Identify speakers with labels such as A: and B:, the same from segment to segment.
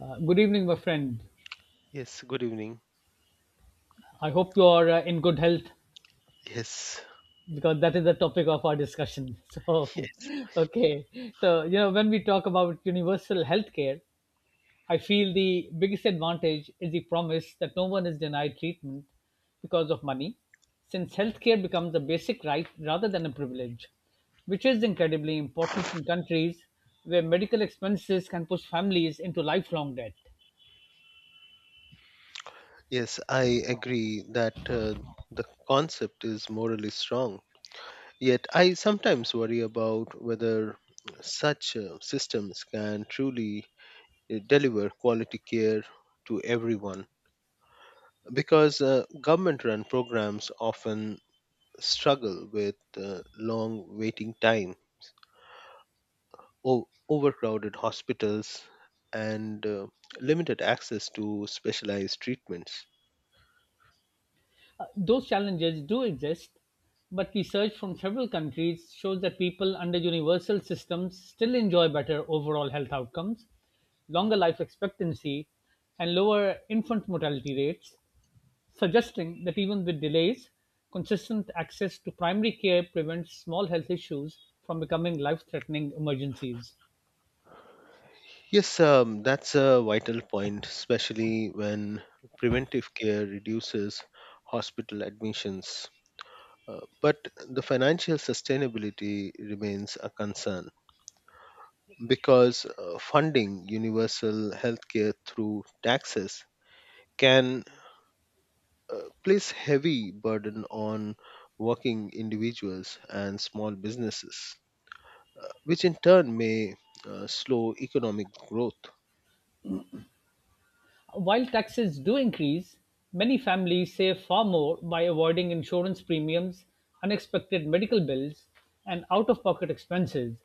A: Good evening, my friend.
B: Yes, good evening.
A: I hope you are in good health
B: Yes,
A: because that is the topic of our discussion. So,
B: yes,
A: okay. So, when we talk about universal healthcare, I feel the biggest advantage is the promise that no one is denied treatment because of money, since healthcare becomes a basic right rather than a privilege, which is incredibly important in countries where medical expenses can push families into lifelong debt.
B: yes, I agree that the concept is morally strong. Yet I sometimes worry about whether such systems can truly deliver quality care to everyone because government run programs often struggle with long waiting time, overcrowded hospitals, and limited access to specialized treatments.
A: Those challenges do exist, but research from several countries shows that people under universal systems still enjoy better overall health outcomes, longer life expectancy, and lower infant mortality rates, suggesting that even with delays, consistent access to primary care prevents small health issues from becoming life threatening emergencies.
B: Yes, that's a vital point, especially when preventive care reduces hospital admissions. But the financial sustainability remains a concern because funding universal healthcare through taxes can place heavy burden on working individuals and small businesses, which in turn may slow economic growth.
A: While taxes do increase, many families save far more by avoiding insurance premiums, unexpected medical bills, and out of pocket expenses.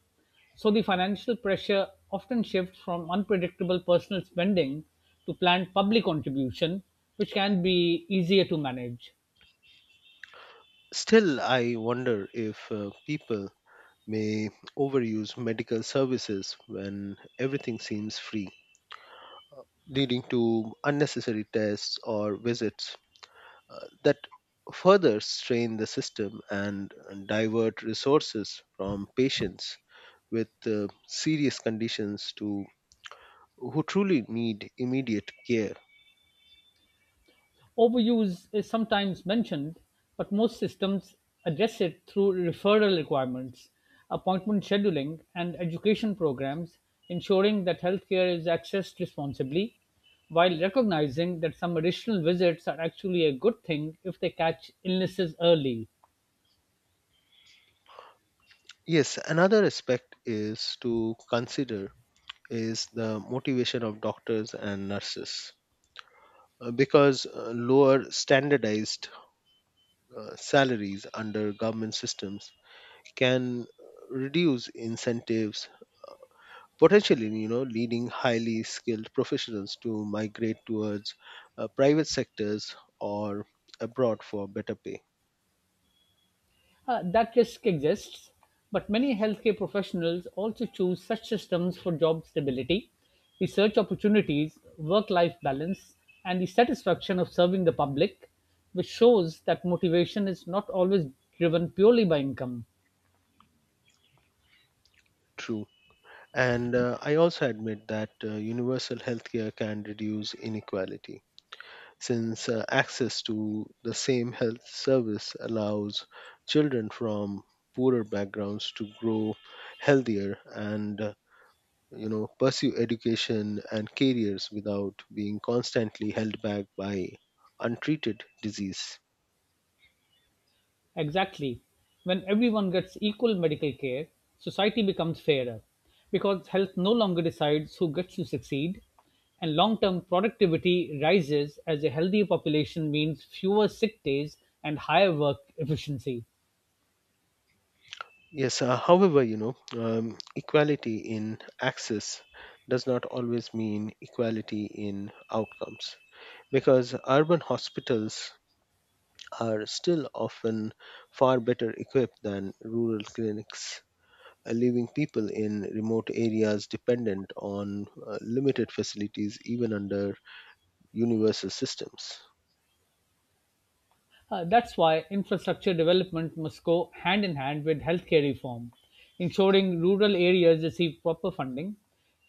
A: So the financial pressure often shifts from unpredictable personal spending to planned public contribution, which can be easier to manage.
B: Still, I wonder if people may overuse medical services when everything seems free, leading to unnecessary tests or visits that further strain the system and divert resources from patients with serious conditions to who truly need immediate care.
A: Overuse is sometimes mentioned, but most systems address it through referral requirements, appointment scheduling, and education programs, ensuring that healthcare is accessed responsibly while recognizing that some additional visits are actually a good thing if they catch illnesses early.
B: Yes, another aspect is to consider is the motivation of doctors and nurses because lower standardized salaries under government systems can reduce incentives, potentially leading highly skilled professionals to migrate towards private sectors or abroad for better pay.
A: That risk exists, but many healthcare professionals also choose such systems for job stability, research opportunities, work life balance, and the satisfaction of serving the public, which shows that motivation is not always driven purely by income.
B: True. And I also admit that universal healthcare can reduce inequality, since access to the same health service allows children from poorer backgrounds to grow healthier and pursue education and careers without being constantly held back by untreated disease.
A: Exactly. When everyone gets equal medical care, society becomes fairer because health no longer decides who gets to succeed, and long term productivity rises as a healthy population means fewer sick days and higher work efficiency.
B: Yes, however, equality in access does not always mean equality in outcomes, because urban hospitals are still often far better equipped than rural clinics, leaving people in remote areas dependent on limited facilities even under universal systems.
A: That's why infrastructure development must go hand in hand with healthcare reform, ensuring rural areas receive proper funding,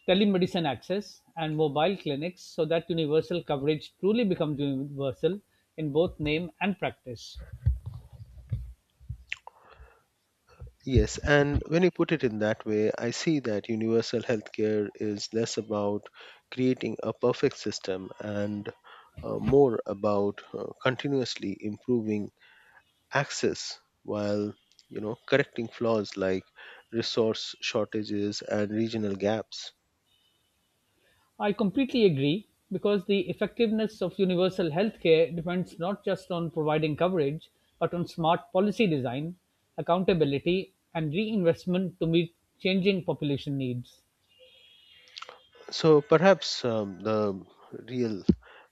A: telemedicine access, and mobile clinics so that universal coverage truly becomes universal in both name and practice.
B: Yes, and when you put it in that way, I see that universal healthcare is less about creating a perfect system and more about continuously improving access while correcting flaws like resource shortages and regional gaps.
A: I completely agree because the effectiveness of universal healthcare depends not just on providing coverage but on smart policy design, accountability, and reinvestment to meet changing population needs.
B: So perhaps the real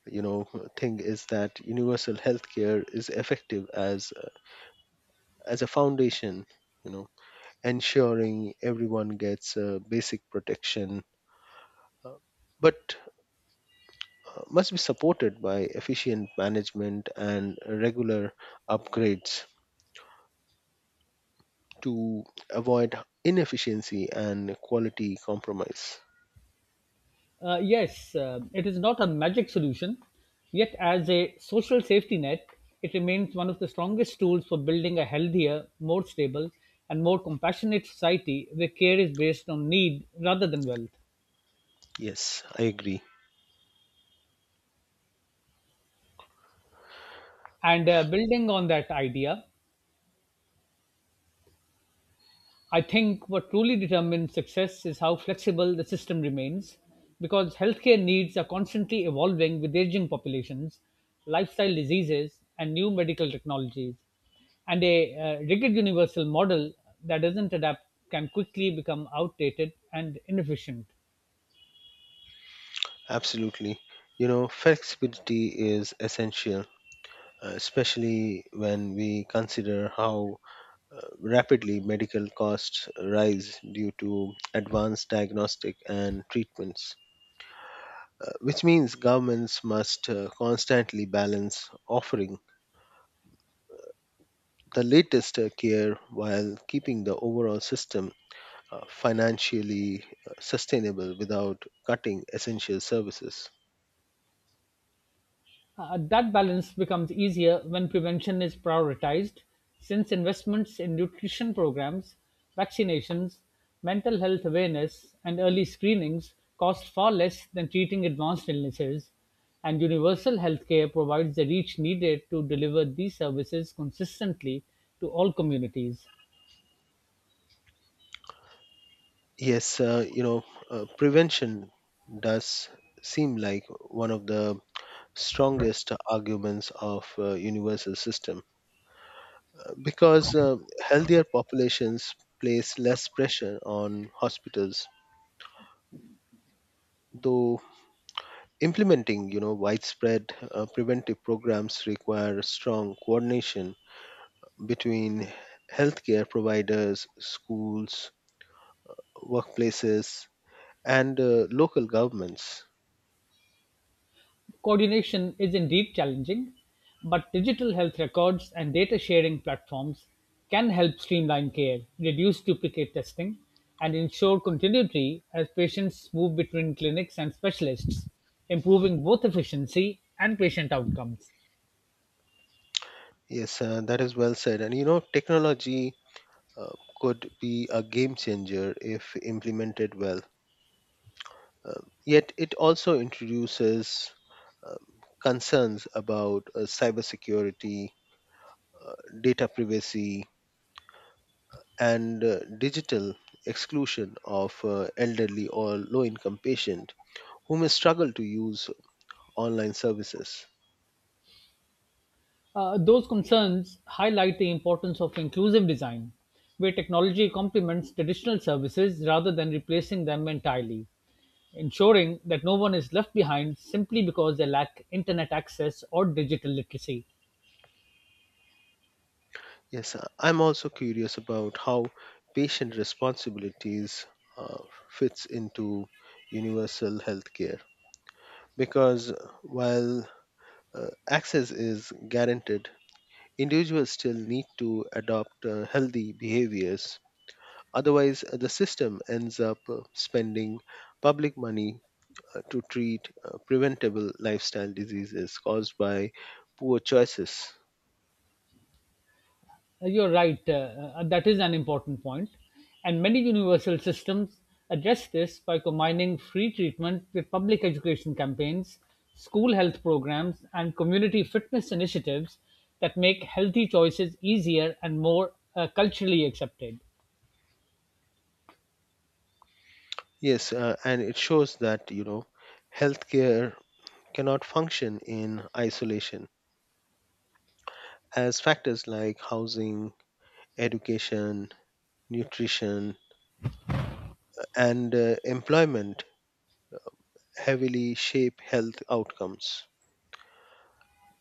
B: you know thing is that universal healthcare is effective as a foundation, you know ensuring everyone gets basic protection, uh, but must be supported by efficient management and regular upgrades to avoid inefficiency and quality compromise.
A: Yes, it is not a magic solution, yet, as a social safety net, it remains one of the strongest tools for building a healthier, more stable, and more compassionate society where care is based on need rather than wealth.
B: Yes, I agree.
A: And Building on that idea, I think what truly determines success is how flexible the system remains, because healthcare needs are constantly evolving with aging populations, lifestyle diseases, and new medical technologies. And a rigid universal model that doesn't adapt can quickly become outdated and inefficient.
B: Absolutely. You know, flexibility is essential, especially when we consider how rapidly medical costs rise due to advanced diagnostic and treatments, which means governments must constantly balance offering the latest care while keeping the overall system financially sustainable without cutting essential services.
A: That balance becomes easier when prevention is prioritized, since investments in nutrition programs, vaccinations, mental health awareness, and early screenings cost far less than treating advanced illnesses, and universal healthcare provides the reach needed to deliver these services consistently to all communities.
B: Yes, prevention does seem like one of the strongest arguments of universal system, because healthier populations place less pressure on hospitals, though implementing, widespread preventive programs require strong coordination between healthcare providers, schools, workplaces, and local governments.
A: Coordination is indeed challenging, but digital health records and data sharing platforms can help streamline care, reduce duplicate testing, and ensure continuity as patients move between clinics and specialists, improving both efficiency and patient outcomes.
B: Yes, that is well said. And technology uh, could be a game changer if implemented well. Yet, it also introduces um, concerns about cybersecurity, uh, data privacy, and digital exclusion of elderly or low income patient who may struggle to use online services.
A: Those concerns highlight the importance of inclusive design, where technology complements traditional services rather than replacing them entirely, ensuring that no one is left behind simply because they lack internet access or digital literacy.
B: Yes, I'm also curious about how patient responsibilities uh, fits into universal healthcare, because while access is guaranteed, individuals still need to adopt healthy behaviors. Otherwise, the system ends up spending public money to treat preventable lifestyle diseases caused by poor choices.
A: You're right. That is an important point. And many universal systems address this by combining free treatment with public education campaigns, school health programs, and community fitness initiatives that make healthy choices easier and more culturally accepted.
B: Yes, and it shows that healthcare cannot function in isolation, as factors like housing, education, nutrition, and employment heavily shape health outcomes.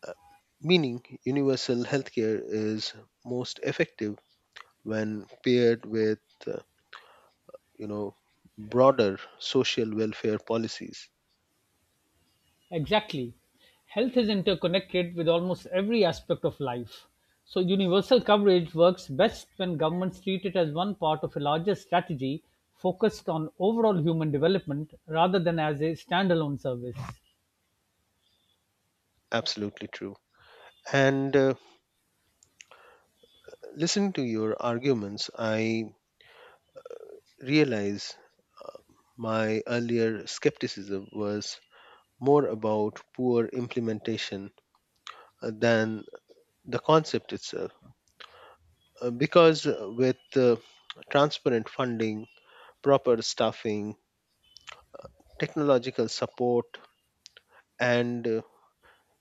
B: Uh, Meaning, universal healthcare is most effective when paired with uh, you know broader social welfare policies.
A: Exactly. Health is interconnected with almost every aspect of life. So, universal coverage works best when governments treat it as one part of a larger strategy focused on overall human development rather than as a standalone service.
B: Absolutely true. And listening to your arguments, I realize my earlier skepticism was more about poor implementation than the concept itself, because with transparent funding, proper staffing, technological support, and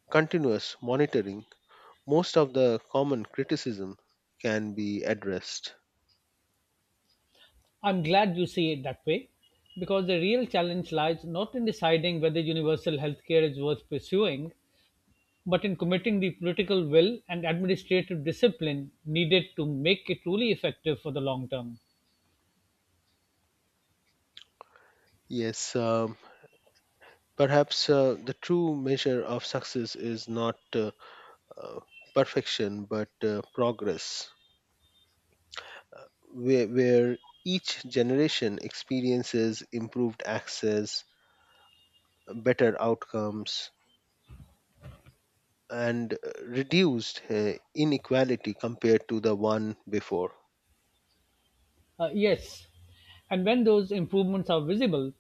B: continuous monitoring, most of the common criticism can be addressed.
A: I'm glad you see it that way because the real challenge lies not in deciding whether universal healthcare is worth pursuing, but in committing the political will and administrative discipline needed to make it truly effective for the long term.
B: Yes, perhaps the true measure of success is not uh, perfection but progress, uh, where each generation experiences improved access, better outcomes, and reduced inequality compared to the one before.
A: Yes, and when those improvements are visible,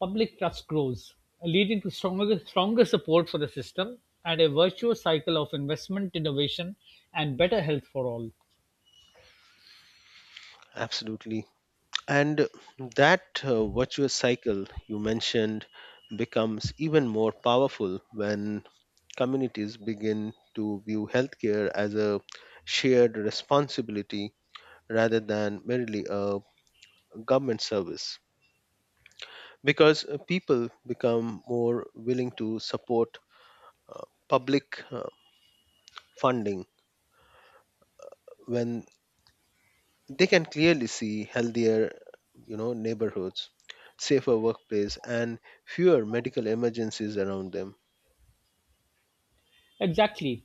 A: public trust grows, leading to stronger support for the system and a virtuous cycle of investment, innovation, and better health for all.
B: Absolutely. And that virtuous cycle you mentioned becomes even more powerful when communities begin to view healthcare as a shared responsibility rather than merely a government service, because people become more willing to support uh, public funding when they can clearly see healthier neighborhoods, safer workplace, and fewer medical emergencies around them.
A: Exactly.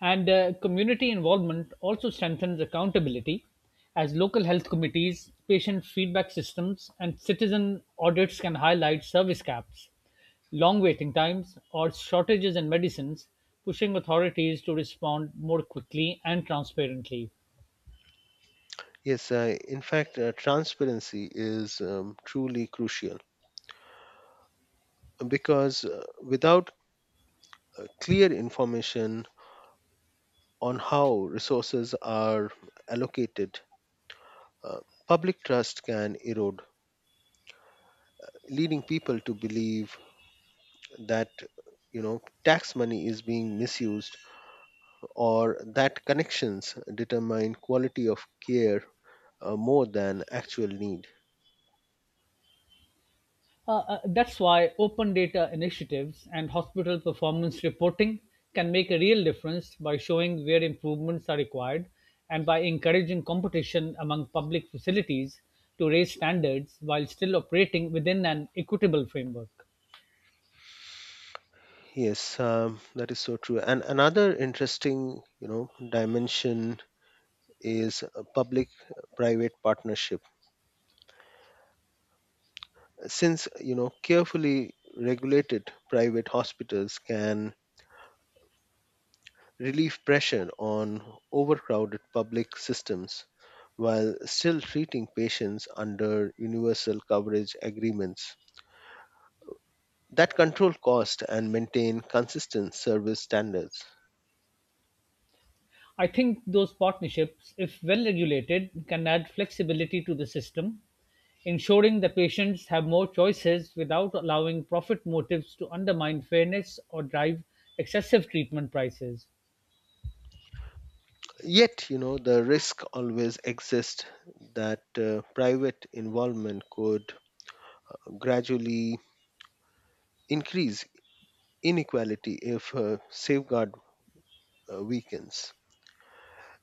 A: And Community involvement also strengthens accountability as local health committees, patient feedback systems, and citizen audits can highlight service gaps, long waiting times, or shortages in medicines, pushing authorities to respond more quickly and transparently.
B: Yes, in fact, transparency is truly crucial, because without clear information on how resources are allocated, uh, public trust can erode, leading people to believe that tax money is being misused, or that connections determine quality of care more than actual need.
A: That's why open data initiatives and hospital performance reporting can make a real difference by showing where improvements are required and by encouraging competition among public facilities to raise standards while still operating within an equitable framework.
B: Yes, that is so true. And another interesting dimension is public private partnership, since carefully regulated private hospitals can relieve pressure on overcrowded public systems while still treating patients under universal coverage agreements that control cost and maintain consistent service standards.
A: I think those partnerships, if well regulated, can add flexibility to the system, ensuring that patients have more choices without allowing profit motives to undermine fairness or drive excessive treatment prices.
B: Yet the risk always exists that private involvement could gradually increase inequality if safeguard weakens,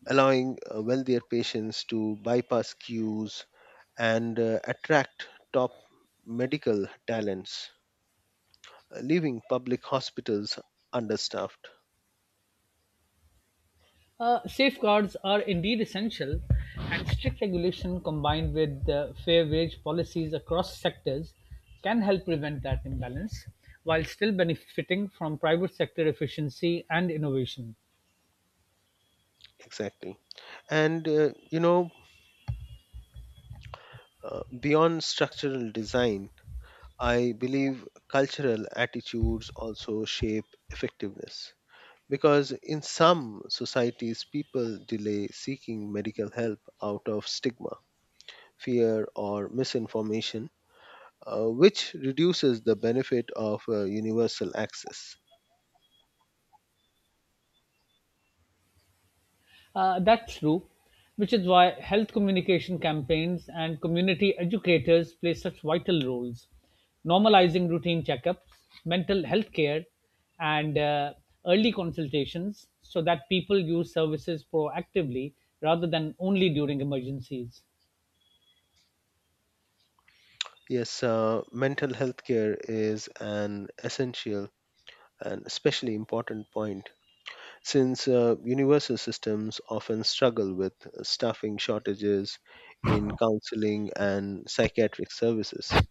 B: allowing wealthier patients to bypass queues and attract top medical talents, leaving public hospitals understaffed.
A: Safeguards are indeed essential, and strict regulation combined with fair wage policies across sectors can help prevent that imbalance while still benefiting from private sector efficiency and innovation.
B: Exactly. And, beyond structural design, I believe cultural attitudes also shape effectiveness. Because in some societies, people delay seeking medical help out of stigma, fear, or misinformation, which reduces the benefit of universal access.
A: That's true, which is why health communication campaigns and community educators play such vital roles, normalizing routine checkups, mental health care, and early consultations so that people use services proactively rather than only during emergencies.
B: Yes, mental health care is an essential and especially important point, since universal systems often struggle with staffing shortages in counseling and psychiatric services.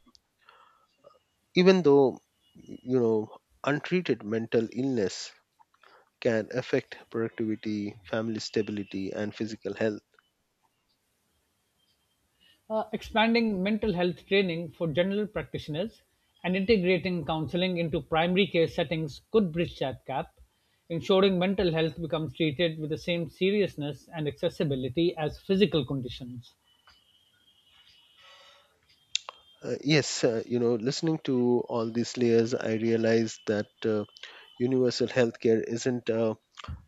B: Even though, you know, untreated mental illness can affect productivity, family stability, and physical health.
A: Expanding mental health training for general practitioners and integrating counseling into primary care settings could bridge that gap, ensuring mental health becomes treated with the same seriousness and accessibility as physical conditions.
B: Yes, listening to all these layers, I realize that universal healthcare isn't a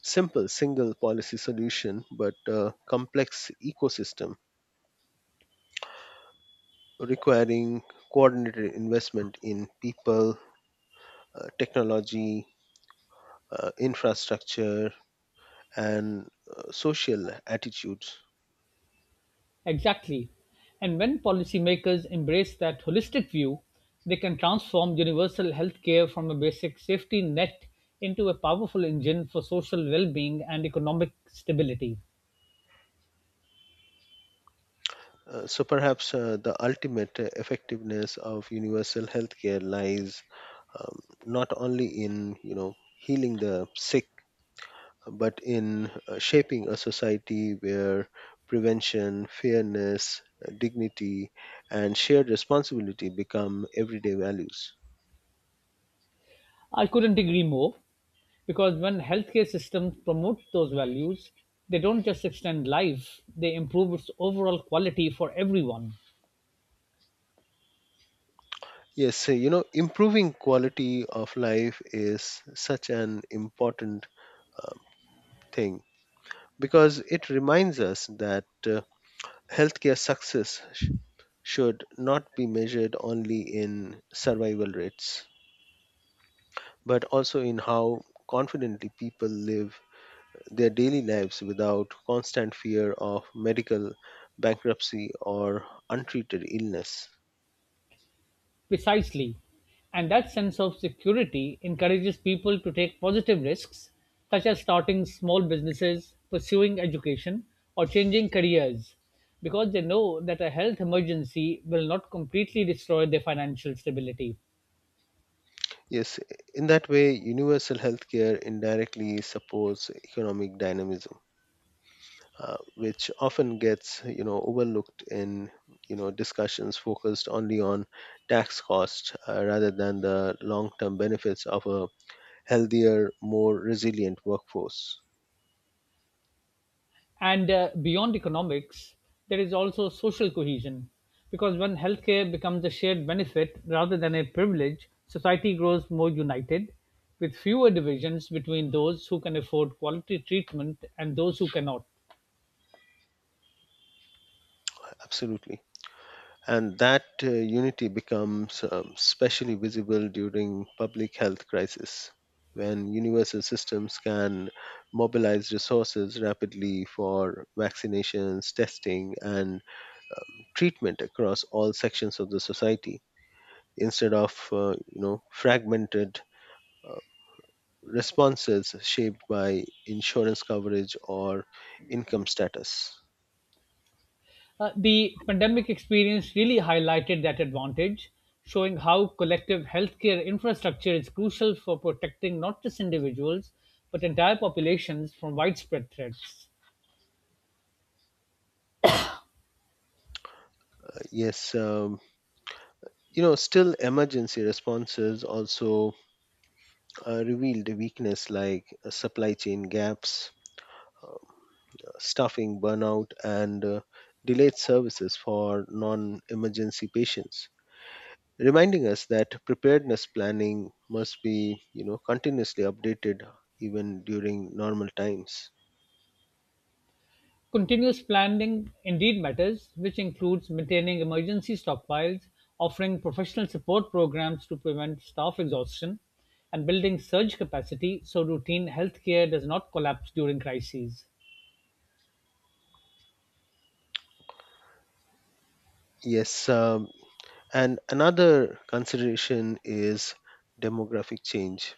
B: simple single policy solution, but a complex ecosystem requiring coordinated investment in people, technology, infrastructure, and social attitudes.
A: Exactly. And when policymakers embrace that holistic view, they can transform universal healthcare from a basic safety net into a powerful engine for social well being and economic stability.
B: So perhaps the ultimate effectiveness of universal healthcare lies um, not only in healing the sick, but in shaping a society where prevention, fairness, dignity, and shared responsibility become everyday values.
A: I couldn't agree more. Because when healthcare systems promote those values, they don't just extend life, they improve its overall quality for everyone.
B: Yes, so, improving quality of life is such an important um, thing, because it reminds us that healthcare success should not be measured only in survival rates, but also in how confidently people live their daily lives without constant fear of medical bankruptcy or untreated illness.
A: Precisely. And that sense of security encourages people to take positive risks, such as starting small businesses, pursuing education, or changing careers, because they know that a health emergency will not completely destroy their financial stability.
B: Yes, in that way, universal healthcare indirectly supports economic dynamism, which often gets overlooked in discussions focused only on tax cost rather than the long-term benefits of a healthier, more resilient workforce.
A: And Beyond economics, there is also social cohesion. Because when healthcare becomes a shared benefit rather than a privilege, society grows more united, with fewer divisions between those who can afford quality treatment and those who cannot.
B: Absolutely. And that unity becomes especially visible during public health crisis, when universal systems can mobilize resources rapidly for vaccinations, testing, and treatment across all sections of the society, instead of fragmented uh, responses shaped by insurance coverage or income status.
A: The pandemic experience really highlighted that advantage, showing how collective healthcare infrastructure is crucial for protecting not just individuals, but entire populations from widespread threats.
B: Yes, still, emergency responses also revealed weakness like supply chain gaps, um, staffing burnout, and delayed services for non emergency patients, reminding us that preparedness planning must be continuously updated even during normal times.
A: Continuous planning indeed matters, which includes maintaining emergency stockpiles, offering professional support programs to prevent staff exhaustion, and building surge capacity so routine healthcare does not collapse during crises.
B: Yes, and another consideration is demographic change.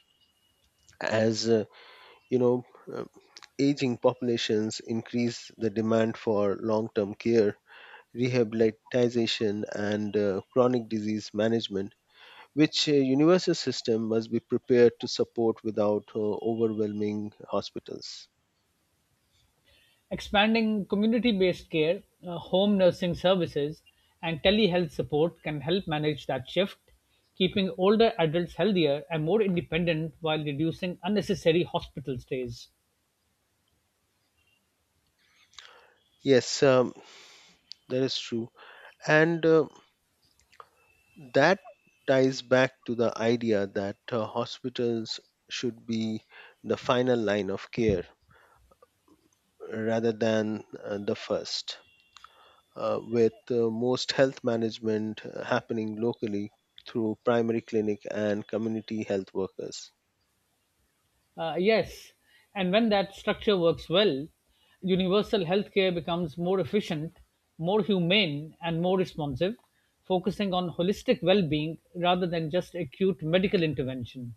B: As you know, uh, aging populations increase the demand for long term care, rehabilitation, and chronic disease management, which universal system must be prepared to support without overwhelming hospitals.
A: Expanding community based care, home nursing services, and telehealth support can help manage that shift, keeping older adults healthier and more independent while reducing unnecessary hospital stays.
B: Yes, that is true, and that ties back to the idea that hospitals should be the final line of care rather than the first, with most health management happening locally through primary clinic and community health workers.
A: Yes, and when that structure works well, universal healthcare becomes more efficient, more humane, and more responsive, focusing on holistic well being rather than just acute medical intervention.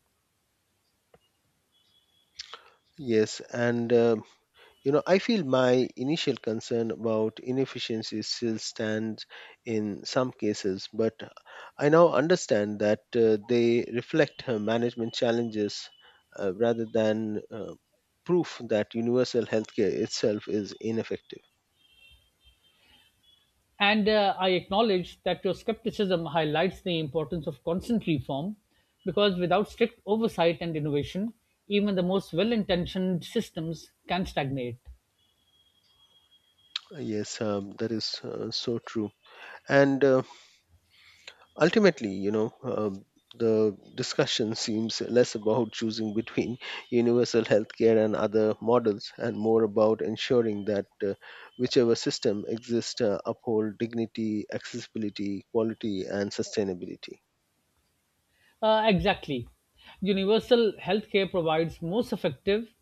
B: Yes, and I feel my initial concern about inefficiency still stands in some cases, but I now understand that they reflect management challenges rather than proof that universal healthcare itself is ineffective.
A: And I acknowledge that your skepticism highlights the importance of constant reform because without strict oversight and innovation, even the most well intentioned systems can stagnate.
B: Yes, that is so true. And ultimately, the discussion seems less about choosing between universal healthcare and other models and more about ensuring that whichever system exists uphold dignity, accessibility, quality, and sustainability.
A: Exactly. Universal healthcare provides most effective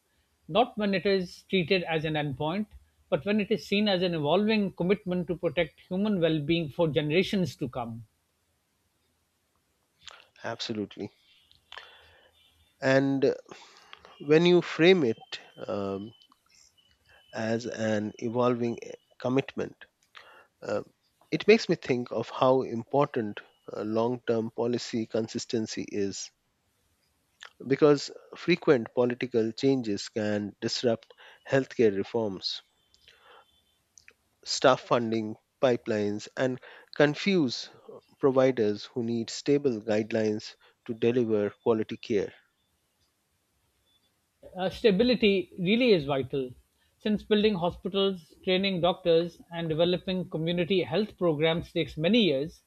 A: not when it is treated as an endpoint, but when it is seen as an evolving commitment to protect human well being for generations to come.
B: Absolutely. And when you frame it um, as an evolving commitment, uh, it makes me think of how important long term policy consistency is, because frequent political changes can disrupt healthcare reforms, staff funding pipelines, and confuse providers who need stable guidelines to deliver quality care.
A: Stability really is vital since building hospitals, training doctors, and developing community health programs takes many years,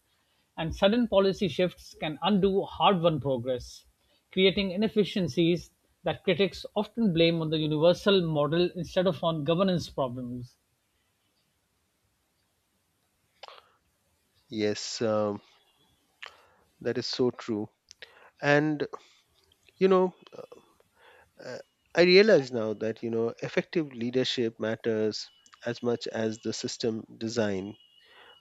A: and sudden policy shifts can undo hard won progress, creating inefficiencies that critics often blame on the universal model instead of on governance problems.
B: Yes, that is so true. And, you know, uh, I realize now that, effective leadership matters as much as the system design,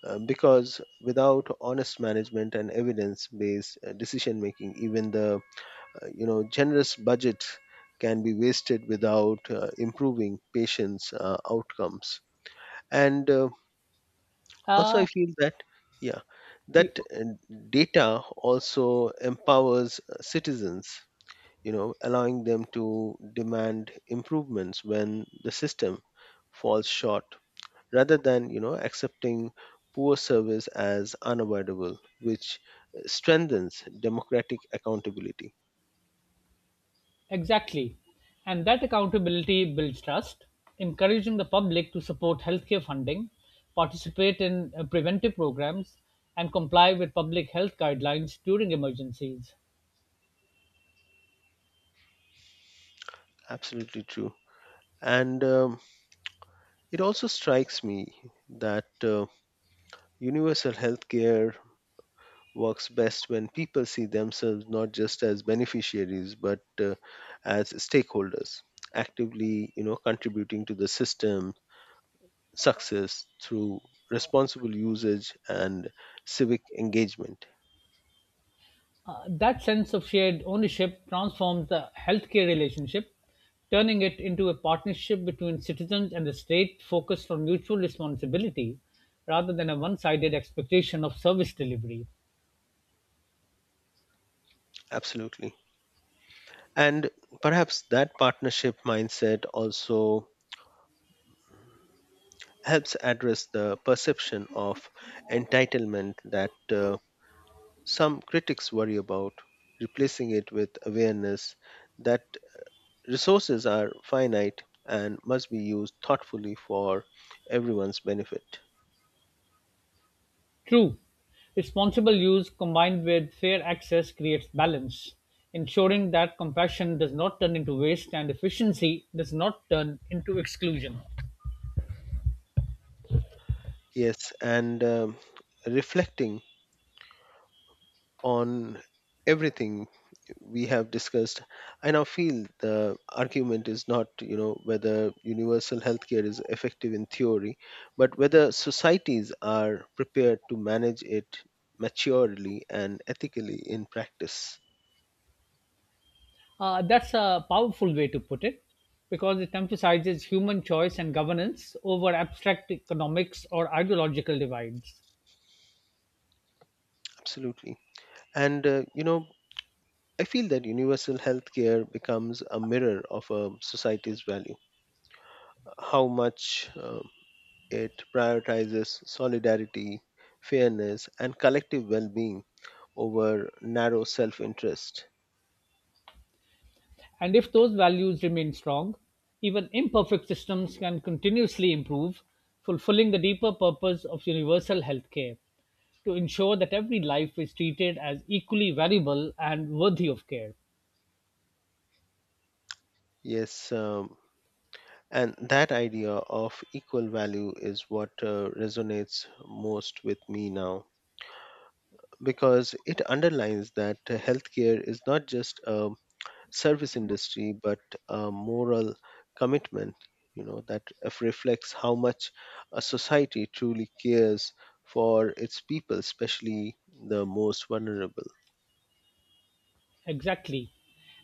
B: because without honest management and evidence based decision making, even the generous budget can be wasted without improving patients outcomes. And also
A: Uh,
B: I feel that, yeah,
A: we,
B: that data also empowers citizens, allowing them to demand improvements when the system falls short, rather than accepting poor service as unavoidable, which strengthens democratic accountability.
A: Exactly. And that accountability builds trust, encouraging the public to support healthcare funding, participate in preventive programs, and comply with public health guidelines during emergencies.
B: Absolutely true. And it also strikes me that universal healthcare works best when people see themselves not just as beneficiaries but as stakeholders, actively, contributing to the system success through responsible usage and civic engagement.
A: That sense of shared ownership transforms the healthcare relationship, turning it into a partnership between citizens and the state focused on mutual responsibility rather than a one sided expectation of service delivery.
B: Absolutely. And perhaps that partnership mindset also helps address the perception of entitlement that some critics worry about, replacing it with awareness that resources are finite and must be used thoughtfully for everyone's benefit.
A: True, responsible use combined with fair access creates balance, ensuring that compassion does not turn into waste and efficiency does not turn into exclusion.
B: Yes, and reflecting on everything we have discussed, I now feel the argument is not, whether universal healthcare is effective in theory, but whether societies are prepared to manage it maturely and ethically in practice.
A: That's a powerful way to put it because it emphasizes human choice and governance over abstract economics or ideological divides.
B: Absolutely. And, I feel that universal healthcare becomes a mirror of a society's value. How much it prioritizes solidarity, fairness, and collective well being over narrow self interest.
A: And if those values remain strong, even imperfect systems can continuously improve, fulfilling the deeper purpose of universal healthcare to ensure that every life is treated as equally valuable and worthy of care.
B: Yes, and that idea of equal value is what resonates most with me now, because it underlines that healthcare is not just a service industry but a moral commitment that reflects how much a society truly cares for its people, especially the most vulnerable.
A: Exactly.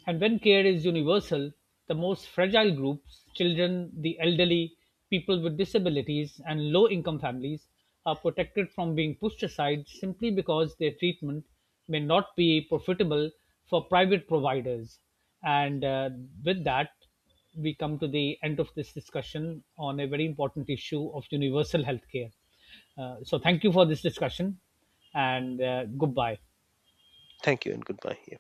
A: And when care is universal, the most fragile groups, children, the elderly, people with disabilities, and low income families, are protected from being pushed aside simply because their treatment may not be profitable for private providers. And With that, we come to the end of this discussion on a very important issue of universal health care. So, thank you for this discussion and goodbye.
B: Thank you and goodbye. Yeah.